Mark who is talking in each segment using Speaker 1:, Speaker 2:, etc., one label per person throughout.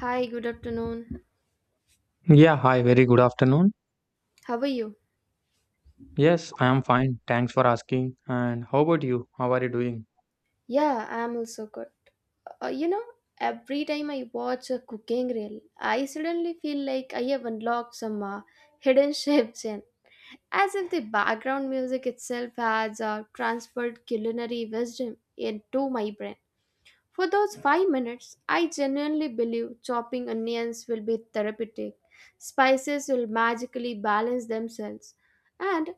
Speaker 1: Hi, good afternoon.
Speaker 2: Yeah, hi, very good afternoon.
Speaker 1: How are you?
Speaker 2: Yes, I am fine. Thanks for asking. And how about you? How are you doing?
Speaker 1: Yeah, I'm also good. Uh, you know, every time I watch a cooking reel, I suddenly feel like I have unlocked some hidden chefs in, as if the background music itself has transferred culinary wisdom into my brain. For those 5 minutes, I genuinely believe chopping onions will be therapeutic. Spices will magically balance themselves, and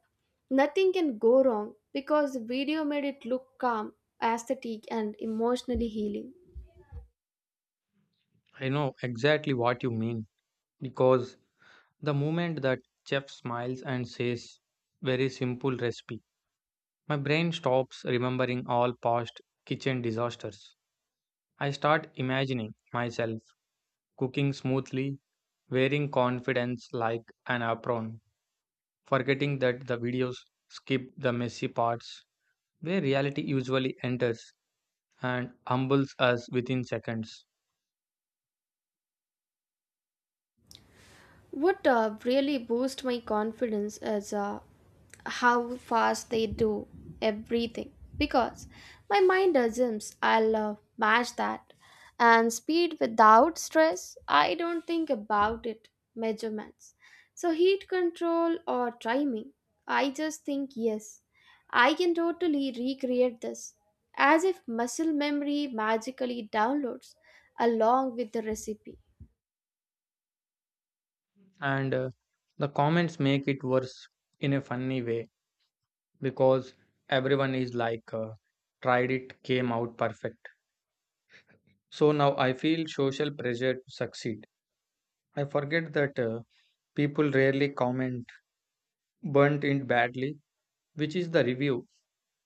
Speaker 1: nothing can go wrong because the video made it look calm, aesthetic, and emotionally healing.
Speaker 2: I know exactly what you mean because the moment that chef smiles and says, very simple recipe, my brain stops remembering all past kitchen disasters. I start imagining myself cooking smoothly, wearing confidence like an apron, forgetting that the videos skip the messy parts where reality usually enters and humbles us within seconds.
Speaker 1: What really boost my confidence is how fast they do everything because my mind assumes I'll match that. And speed without stress, I don't think about it. Measurements. So, heat control or timing, I just think yes, I can totally recreate this. As if muscle memory magically downloads along with the recipe.
Speaker 2: And the comments make it worse in a funny way because everyone is like, tried it, came out perfect. So now I feel social pressure to succeed. I forget that people rarely comment burnt in badly, which is the review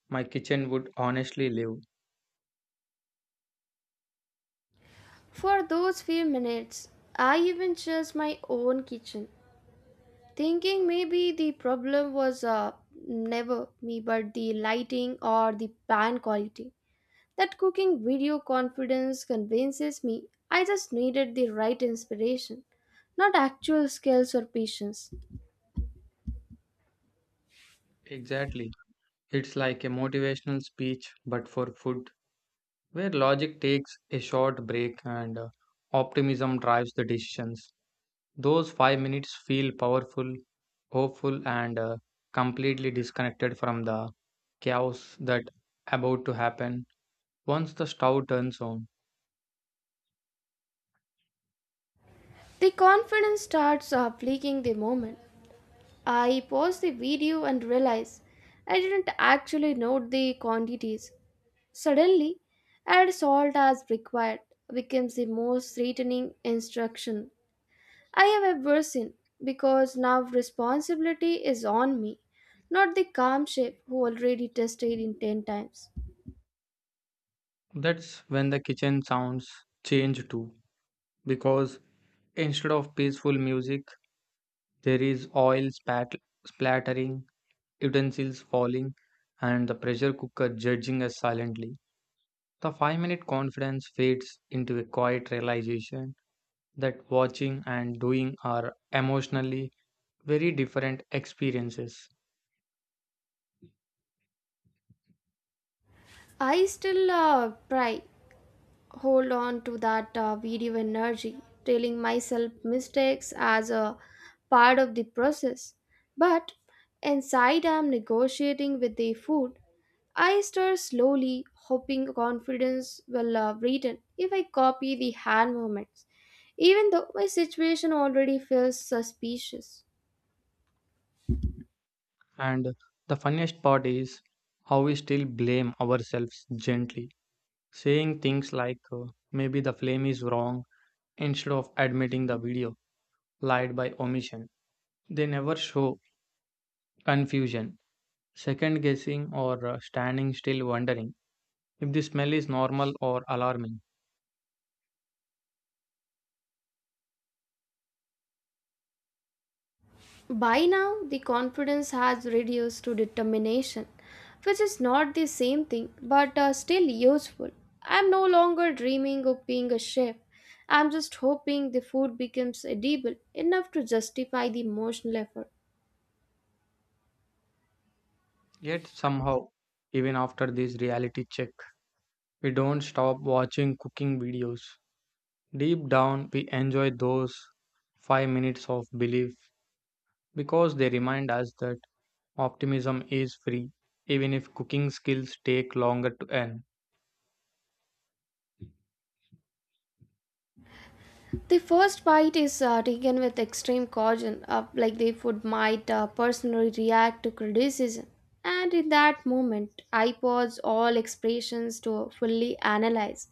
Speaker 2: my kitchen would honestly leave.
Speaker 1: For those few minutes, I even searched my own kitchen, thinking maybe the problem was never me but the lighting or the pan quality. That cooking video confidence convinces me I just needed the right inspiration, not actual skills or patience.
Speaker 2: Exactly. It's like a motivational speech, but for food, where logic takes a short break and optimism drives the decisions. Those 5 minutes feel powerful, hopeful, and completely disconnected from the chaos that about to happen once the stove turns on.
Speaker 1: The confidence starts leaking the moment. I paused the video and realized I didn't actually note the quantities. Suddenly, add salt as required becomes the most threatening instruction I have ever seen because now responsibility is on me, not the calm chef who already tested in 10 times.
Speaker 2: That's when the kitchen sounds change too, because instead of peaceful music, there is splattering, utensils falling, and the pressure cooker judging us silently. The 5 minute confidence fades into a quiet realization that watching and doing are emotionally very different experiences.
Speaker 1: I still try hold on to that video energy, telling myself mistakes as a part of the process. But inside, I am negotiating with the food I stir slowly, hoping confidence will return if I copy the hand movements, even though my situation already feels suspicious.
Speaker 2: And the funniest part is how we still blame ourselves gently, saying things like maybe the flame is wrong instead of admitting the video lied by omission. They never show confusion, second guessing, or standing still wondering if the smell is normal or alarming.
Speaker 1: By now, the confidence has reduced to determination, which is not the same thing but still useful. I'm no longer dreaming of being a chef. I'm just hoping the food becomes edible enough to justify the emotional effort.
Speaker 2: Yet somehow, even after this reality check, we don't stop watching cooking videos. Deep down, we enjoy those 5 minutes of belief because they remind us that optimism is free, even if cooking skills take longer to earn.
Speaker 1: The first bite is taken with extreme caution, like the food might personally react to criticism. And in that moment, I pause all expressions to fully analyze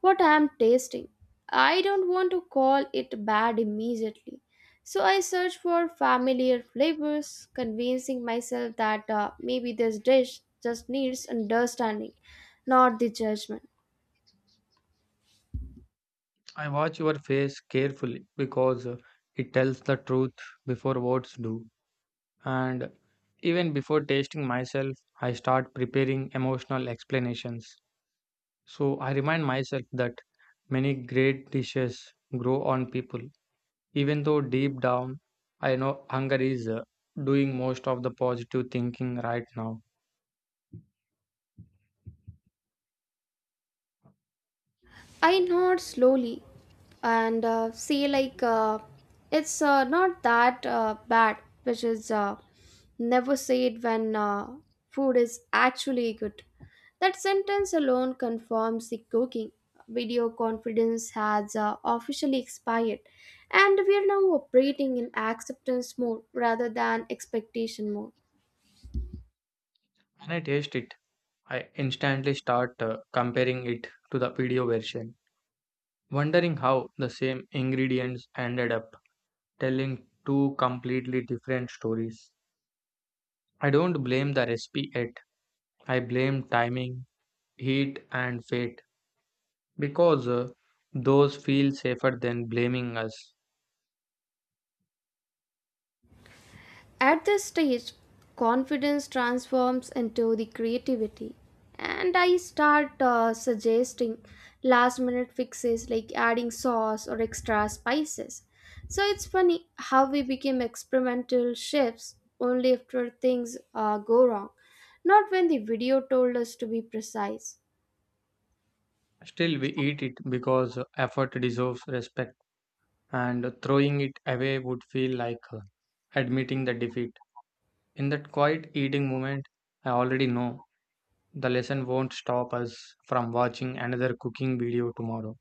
Speaker 1: what I am tasting. I don't want to call it bad immediately. So I search for familiar flavors, convincing myself that maybe this dish just needs understanding, not the judgment.
Speaker 2: I watch your face carefully because it tells the truth before words do. And even before tasting myself, I start preparing emotional explanations. So I remind myself that many great dishes grow on people, even though deep down I know hunger is doing most of the positive thinking right now.
Speaker 1: I nod slowly and it's not that bad, which is never say it when food is actually good. That sentence alone confirms the cooking. Video confidence has officially expired, and we are now operating in acceptance mode rather than expectation mode.
Speaker 2: When I taste it, I instantly start comparing it to the video version, wondering how the same ingredients ended up telling two completely different stories. I don't blame the recipe yet, I blame timing, heat, and fate, because those feel safer than blaming us.
Speaker 1: At this stage, confidence transforms into the creativity, and I start suggesting last minute fixes like adding sauce or extra spices. So it's funny how we became experimental chefs only after things go wrong, not when the video told us to be precise.
Speaker 2: Still, we eat it because effort deserves respect, and throwing it away would feel like admitting the defeat. In that quiet eating moment, I already know the lesson won't stop us from watching another cooking video tomorrow.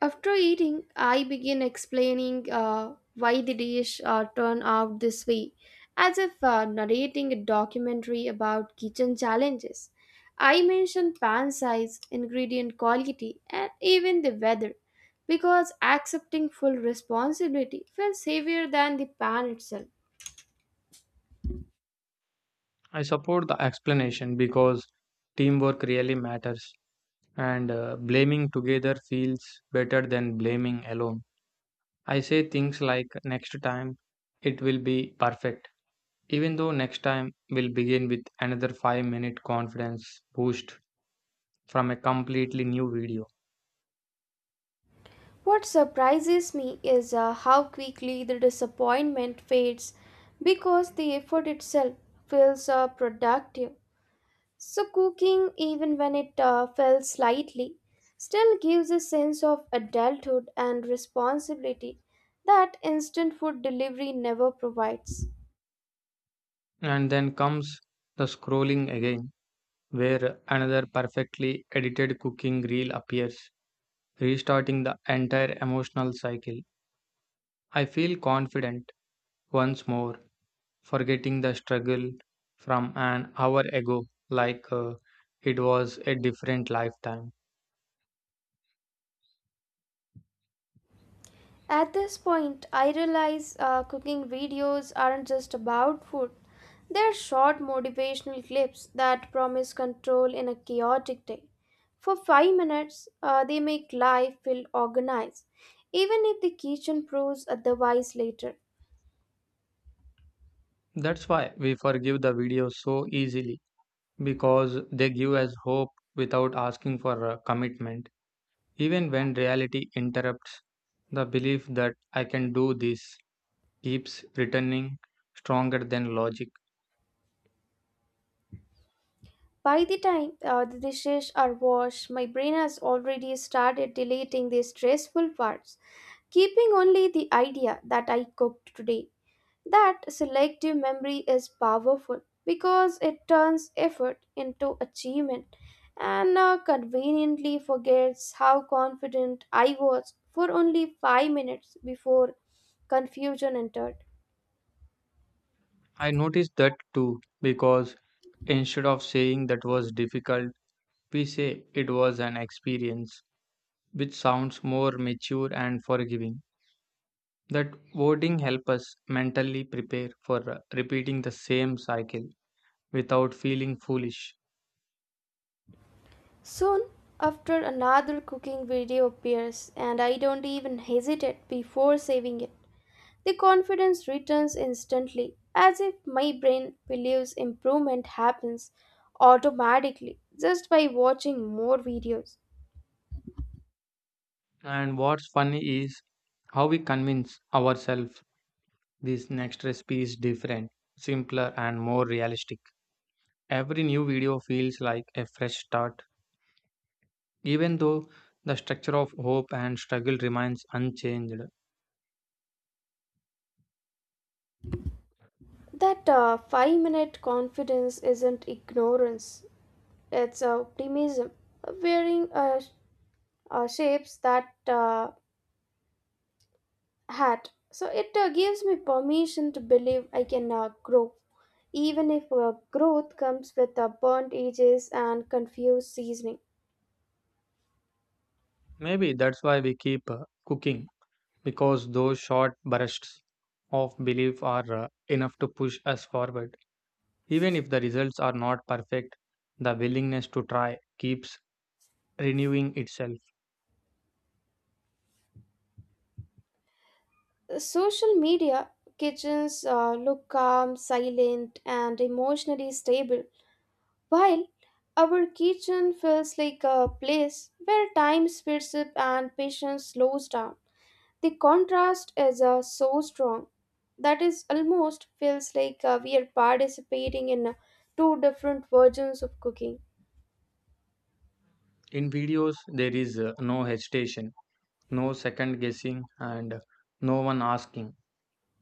Speaker 1: After eating, I begin explaining why the dish turned out this way, as if narrating a documentary about kitchen challenges. I mention pan size, ingredient quality, and even the weather, because accepting full responsibility feels heavier than the pan itself.
Speaker 2: I support the explanation because teamwork really matters, and blaming together feels better than blaming alone. I say things like next time it will be perfect, even though next time will begin with another 5-minute confidence boost from a completely new video.
Speaker 1: What surprises me is how quickly the disappointment fades because the effort itself feels productive. So, cooking, even when it fell slightly, still gives a sense of adulthood and responsibility that instant food delivery never provides.
Speaker 2: And then comes the scrolling again, where another perfectly edited cooking reel appears, restarting the entire emotional cycle. I feel confident once more, forgetting the struggle from an hour ago, like it was a different lifetime.
Speaker 1: At this point, I realize cooking videos aren't just about food, they're short motivational clips that promise control in a chaotic day. For 5 minutes, they make life feel organized, even if the kitchen proves otherwise later.
Speaker 2: That's why we forgive the videos so easily because they give us hope without asking for a commitment. Even when reality interrupts, the belief that I can do this keeps returning stronger than logic.
Speaker 1: By the time the dishes are washed, my brain has already started deleting the stressful parts, keeping only the idea that I cooked today. That selective memory is powerful because it turns effort into achievement and conveniently forgets how confident I was for only 5 minutes before confusion entered.
Speaker 2: I noticed that too because instead of saying that was difficult, we say it was an experience, which sounds more mature and forgiving. That wording helps us mentally prepare for repeating the same cycle without feeling foolish.
Speaker 1: Soon after, another cooking video appears, and I don't even hesitate before saving it. The confidence returns instantly, as if my brain believes improvement happens automatically just by watching more videos.
Speaker 2: And what's funny is how we convince ourselves this next recipe is different, simpler, and more realistic. Every new video feels like a fresh start, even though the structure of hope and struggle remains unchanged.
Speaker 1: That 5 minute confidence isn't ignorance, it's optimism, wearing shapes that hat. So it gives me permission to believe I can grow, even if growth comes with burnt edges and confused seasoning.
Speaker 2: Maybe that's why we keep cooking, because those short bursts of belief are enough to push us forward. Even if the results are not perfect, the willingness to try keeps renewing itself.
Speaker 1: Social media kitchens look calm, silent, and emotionally stable, while our kitchen feels like a place where time speeds up and patience slows down. The contrast is so strong that is almost feels like we are participating in two different versions of cooking.
Speaker 2: In videos, there is no hesitation, no second guessing, and no one asking,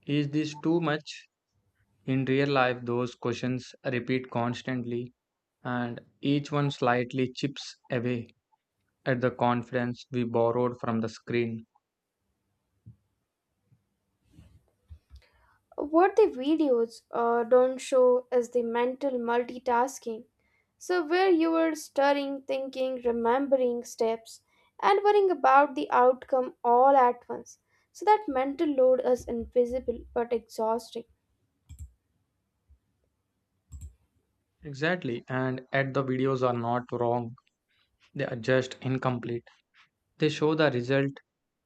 Speaker 2: is this too much? In real life, those questions repeat constantly, and each one slightly chips away at the confidence we borrowed from the screen.
Speaker 1: What the videos don't show is the mental multitasking. So, where you are stirring, thinking, remembering steps, and worrying about the outcome all at once. So, that mental load is invisible but exhausting.
Speaker 2: Exactly, and at the videos are not wrong, they are just incomplete. They show the result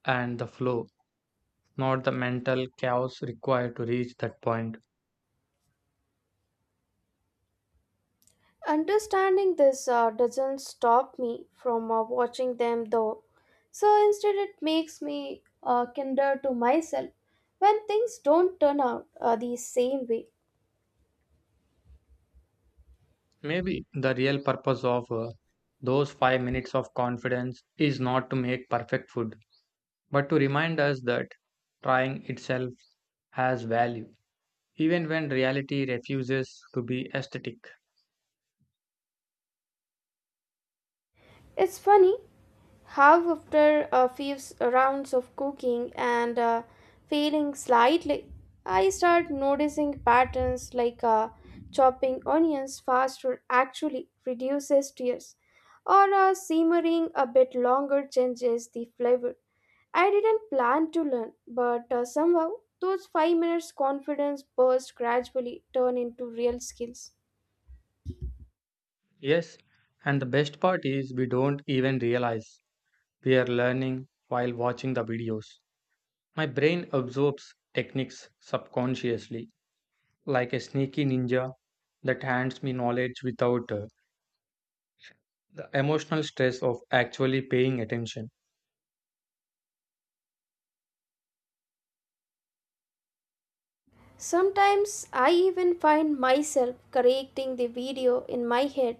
Speaker 2: and the flow, not the mental chaos required to reach that point.
Speaker 1: Understanding this doesn't stop me from watching them though. So instead, it makes me kinder to myself when things don't turn out the same way.
Speaker 2: Maybe the real purpose of those 5 minutes of confidence is not to make perfect food, but to remind us that trying itself has value, even when reality refuses to be aesthetic.
Speaker 1: It's funny how, after a rounds of cooking and failing slightly, I start noticing patterns like chopping onions faster actually reduces tears, or simmering a bit longer changes the flavor I didn't plan to learn, but somehow those 5 minutes confidence burst gradually turn into real skills.
Speaker 2: Yes, and the best part is we don't even realize we are learning while watching the videos. My brain absorbs techniques subconsciously, like a sneaky ninja that hands me knowledge without the emotional stress of actually paying attention.
Speaker 1: Sometimes I even find myself correcting the video in my head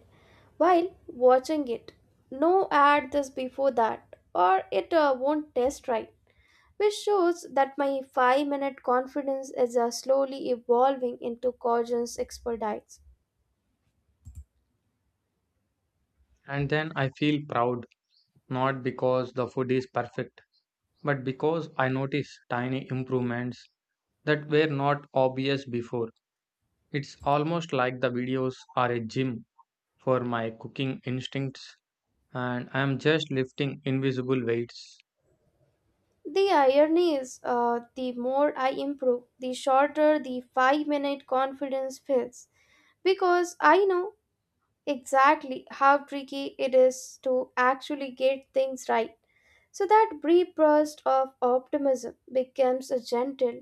Speaker 1: while watching it. No add this before that or it won't test right, which shows that my 5-minute confidence is slowly evolving into Cajun's expertise.
Speaker 2: And then I feel proud, not because the food is perfect, but because I notice tiny improvements that were not obvious before. It's almost like the videos are a gym for my cooking instincts, and I am just lifting invisible weights.
Speaker 1: The irony is, the more I improve, the shorter the 5 minute confidence feels because I know exactly how tricky it is to actually get things right. So that brief burst of optimism becomes a gentle,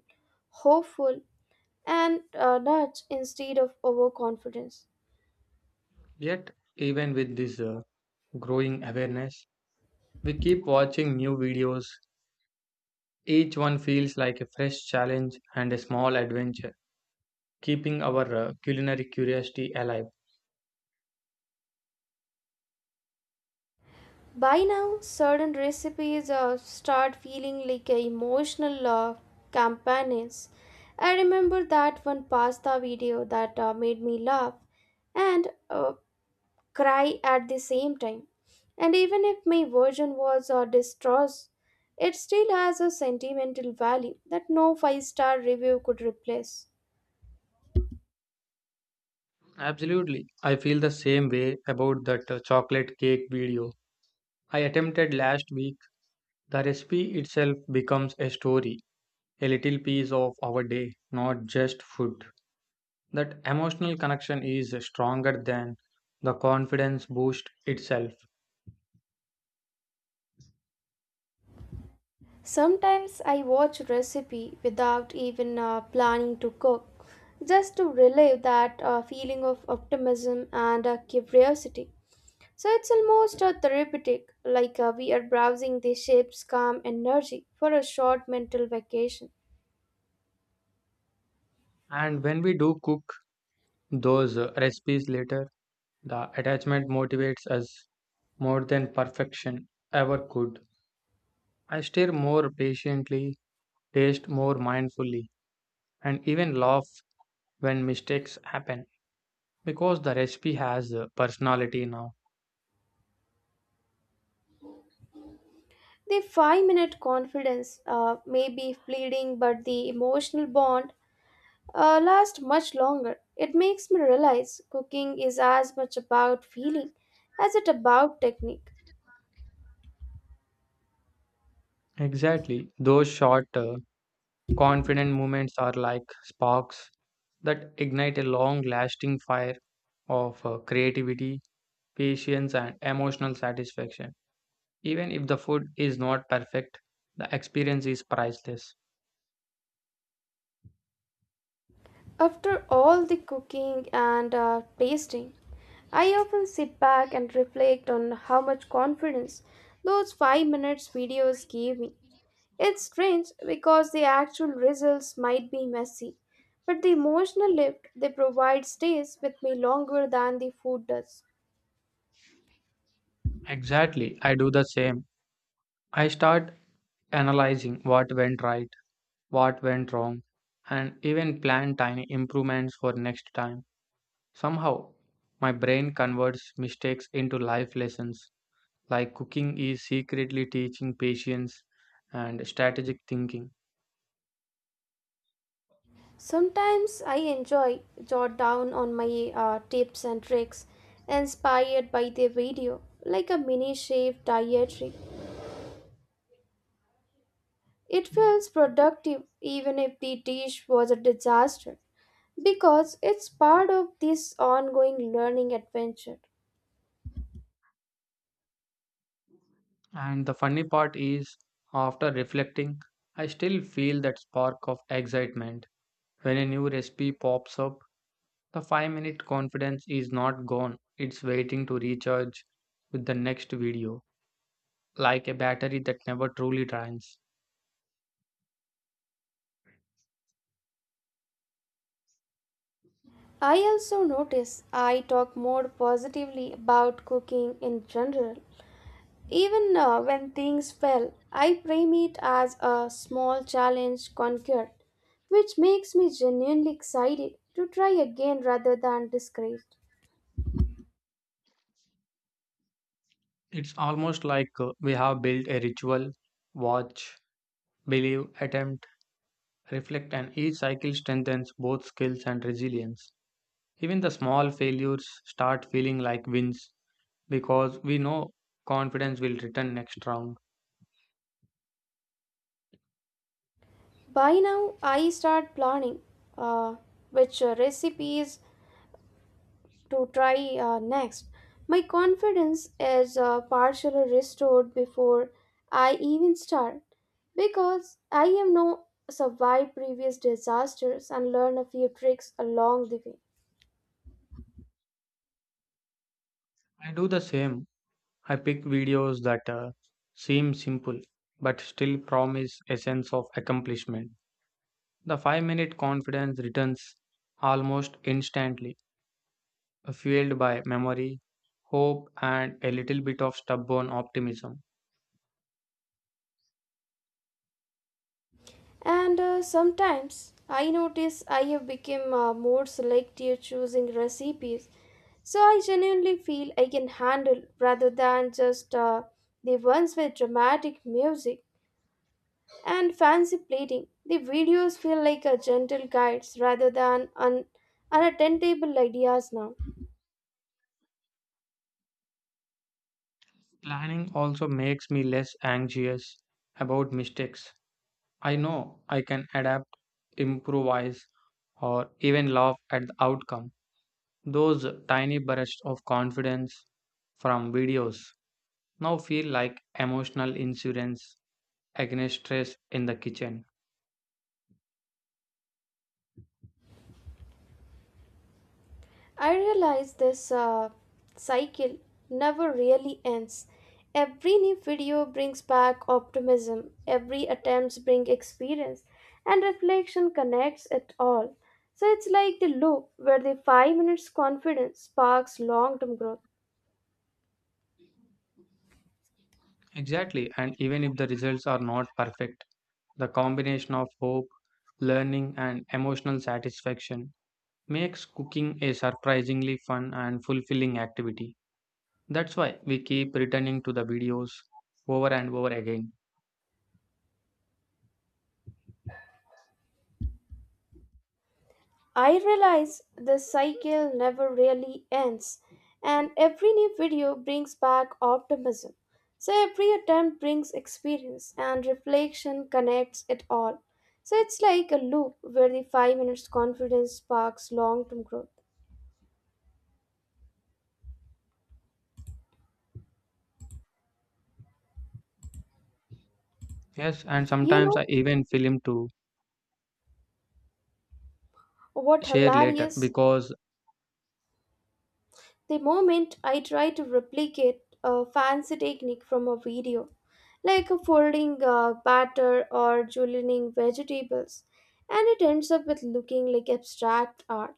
Speaker 1: hopeful, and nudge instead of overconfidence.
Speaker 2: Yet, even with this growing awareness, we keep watching new videos. Each one feels like a fresh challenge and a small adventure, keeping our culinary curiosity alive.
Speaker 1: By now, certain recipes start feeling like a emotional campaigns. I remember that one pasta video that made me laugh and cry at the same time. And even if my version was distraught, it still has a sentimental value that no five-star review could replace.
Speaker 2: Absolutely. I feel the same way about that chocolate cake video I attempted last week. The recipe itself becomes a story, a little piece of our day, not just food. That emotional connection is stronger than the confidence boost itself.
Speaker 1: Sometimes I watch recipe without even planning to cook, just to relive that feeling of optimism and curiosity. So it's almost therapeutic, like we are browsing the ship's calm energy for a short mental vacation.
Speaker 2: And when we do cook those recipes later, the attachment motivates us more than perfection ever could. I stare more patiently, taste more mindfully, and even laugh when mistakes happen because the recipe has personality now.
Speaker 1: The 5 minute confidence may be fleeting, but the emotional bond lasts much longer. It makes me realize cooking is as much about feeling as it about technique.
Speaker 2: Exactly, those short, confident moments are like sparks that ignite a long lasting fire of creativity, patience, and emotional satisfaction. Even if the food is not perfect, the experience is priceless.
Speaker 1: After all the cooking and tasting, I often sit back and reflect on how much confidence those 5 minutes videos gave me. It's strange because the actual results might be messy, but the emotional lift they provide stays with me longer than the food does.
Speaker 2: Exactly, I do the same. I start analyzing what went right, what went wrong, and even plan tiny improvements for next time. Somehow, my brain converts mistakes into life lessons, like cooking is secretly teaching patience and strategic thinking.
Speaker 1: Sometimes I enjoy jot down on my tips and tricks inspired by the video, like a mini chef dietary. It feels productive even if the dish was a disaster because it's part of this ongoing learning adventure.
Speaker 2: And the funny part is, after reflecting, I still feel that spark of excitement when a new recipe pops up. The 5 minute confidence is not gone, it's waiting to recharge with the next video, like a battery that never truly drains.
Speaker 1: I also notice I talk more positively about cooking in general. Even when things fail, I frame it as a small challenge conquered, which makes me genuinely excited to try again rather than discouraged.
Speaker 2: It's almost like we have built a ritual: watch, believe, attempt, reflect, and each cycle strengthens both skills and resilience. Even the small failures start feeling like wins because we know confidence will return next round.
Speaker 1: By now, I start planning uh, which recipes to try next. My confidence is partially restored before I even start because I have now survived previous disasters and learned a few tricks along the way.
Speaker 2: I do the same. I pick videos that seem simple but still promise a sense of accomplishment. The 5-minute confidence returns almost instantly, fueled by memory, hope, and a little bit of stubborn optimism.
Speaker 1: And sometimes I notice I have become more selective choosing recipes, so I genuinely feel I can handle rather than just the ones with dramatic music and fancy plating. The videos feel like a gentle guides rather than unattainable ideas now.
Speaker 2: Planning also makes me less anxious about mistakes. I know I can adapt, improvise, or even laugh at the outcome. Those tiny bursts of confidence from videos now feel like emotional insurance against stress in the kitchen.
Speaker 1: I realize this cycle never really ends. Every new video brings back optimism, every attempts bring experience, and reflection connects it all. So it's like the loop where the 5 minutes confidence sparks long term growth.
Speaker 2: Exactly, and even if the results are not perfect, the combination of hope, learning, and emotional satisfaction makes cooking a surprisingly fun and fulfilling activity. That's why we keep returning to the videos over and over again.
Speaker 1: I realize the cycle never really ends, and every new video brings back optimism. So every attempt brings experience, and reflection connects it all. So it's like a loop where the 5 minutes confidence sparks long term growth.
Speaker 2: Yes, and
Speaker 1: You
Speaker 2: sometimes
Speaker 1: know
Speaker 2: I even film to
Speaker 1: what
Speaker 2: share later
Speaker 1: hilarious?
Speaker 2: because,
Speaker 1: The moment I try to replicate a fancy technique from a video, like a folding batter or julienning vegetables, and it ends up with looking like abstract art.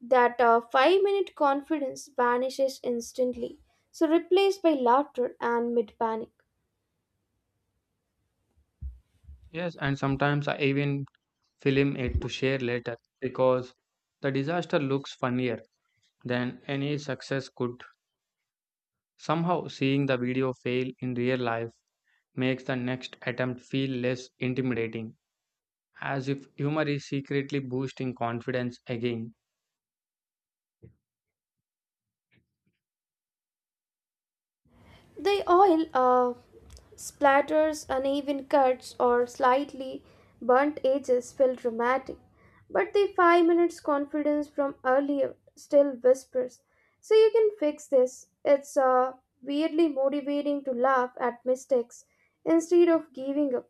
Speaker 1: That 5 minute confidence vanishes instantly, so replaced by laughter and mid panic.
Speaker 2: yes, and sometimes I even film it to share later because the disaster looks funnier than any success could. Somehow, seeing the video fail in real life makes the next attempt feel less intimidating, as if humor is secretly boosting confidence again.
Speaker 1: The oil splatters, uneven cuts, or slightly burnt edges feel dramatic, but the 5 minutes confidence from earlier still whispers. So you can fix this. It's weirdly motivating to laugh at mistakes instead of giving up.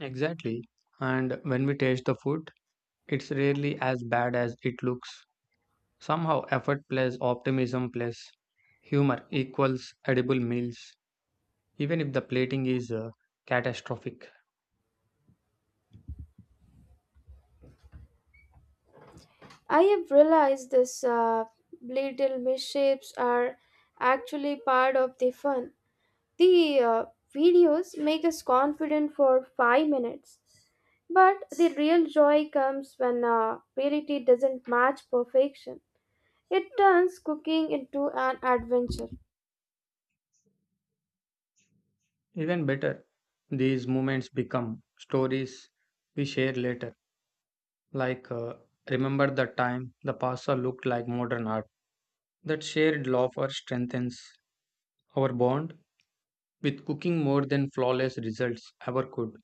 Speaker 2: Exactly. And when we taste the food, it's rarely as bad as it looks. Somehow, effort plus optimism plus humor equals edible meals, even if the plating is catastrophic.
Speaker 1: I have realized this little misshapes are actually part of the fun. The videos make us confident for 5 minutes. But the real joy comes when reality doesn't match perfection. It turns cooking into an adventure.
Speaker 2: Even better, these moments become stories we share later, like remember the time the pasta looked like modern art. That shared laughter strengthens our bond with cooking more than flawless results ever could.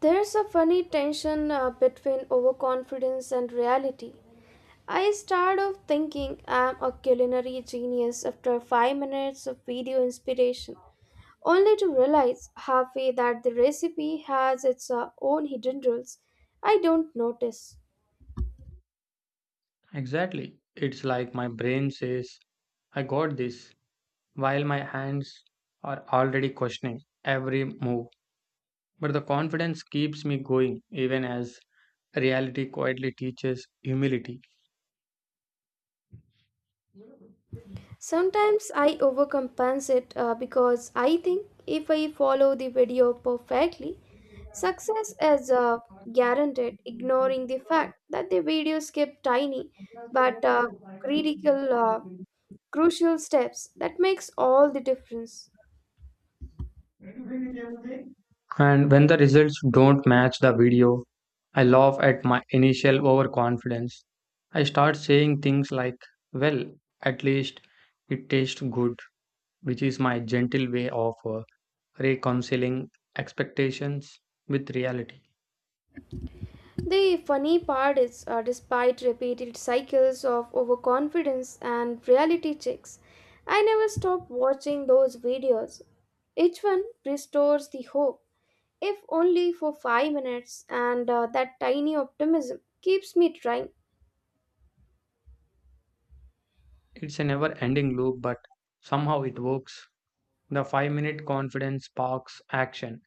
Speaker 1: There's a funny tension between overconfidence and reality. I start off thinking I'm a culinary genius after 5 minutes of video inspiration, only to realize halfway that the recipe has its own hidden rules I don't notice.
Speaker 2: Exactly. It's like my brain says, I got this, while my hands are already questioning every move. But the confidence keeps me going even as reality quietly teaches humility.
Speaker 1: Sometimes I overcompensate because I think if I follow the video perfectly, success is guaranteed, ignoring the fact that the video skipped tiny but critical, uh, crucial steps that makes all the difference.
Speaker 2: And when the results don't match the video, I laugh at my initial overconfidence. I start saying things like, well, at least it tastes good, which is my gentle way of reconciling expectations with reality.
Speaker 1: The funny part is, despite repeated cycles of overconfidence and reality checks, I never stop watching those videos. Each one restores the hope if only for 5 minutes, and that tiny optimism keeps me trying.
Speaker 2: It's a never ending loop, but somehow it works. The 5-minute confidence sparks action.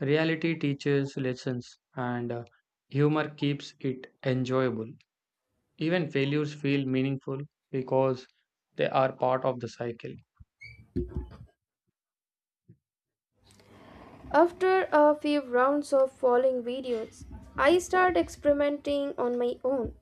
Speaker 2: Reality teaches lessons, and humor keeps it enjoyable. Even failures feel meaningful because they are part of the cycle.
Speaker 1: After a few rounds of following videos, I start experimenting on my own.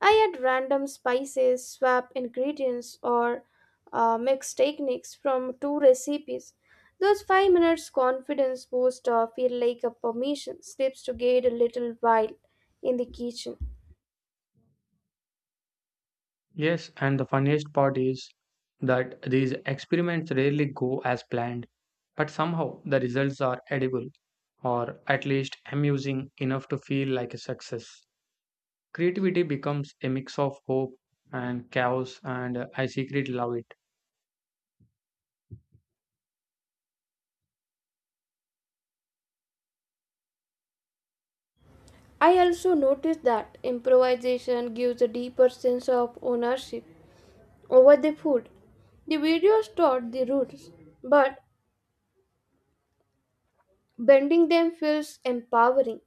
Speaker 1: I add random spices, swap ingredients, or mix techniques from two recipes. Those 5 minutes confidence boost feel like a permission slips to get a little wild in the kitchen.
Speaker 2: Yes, and the funniest part is that these experiments rarely go as planned, but somehow the results are edible or at least amusing enough to feel like a success. Creativity becomes a mix of hope and chaos, and I secretly love it.
Speaker 1: I also noticed that improvisation gives a deeper sense of ownership over the food. The videos taught the roots, but bending them feels empowering.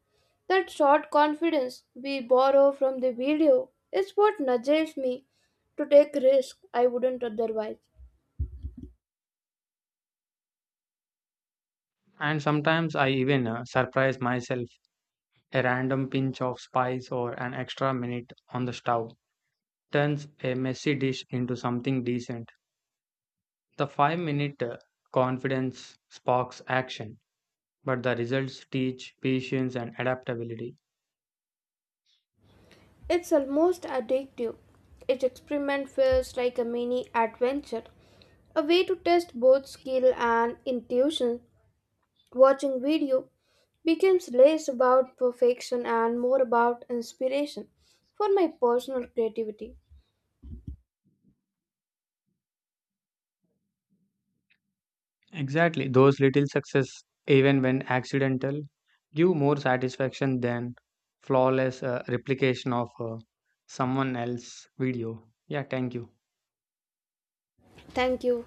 Speaker 1: That short confidence we borrow from the video is what nudges me to take risks I wouldn't otherwise.
Speaker 2: And sometimes I even surprise myself. A random pinch of spice or an extra minute on the stove turns a messy dish into something decent. The 5 minute confidence sparks action, but the results teach patience and adaptability.
Speaker 1: It's almost addictive. Each experiment feels like a mini adventure, a way to test both skill and intuition. Watching video becomes less about perfection and more about inspiration for my personal creativity.
Speaker 2: Exactly, those little success, even when accidental, give more satisfaction than flawless replication of someone else's video. Yeah, thank you.
Speaker 1: Thank you.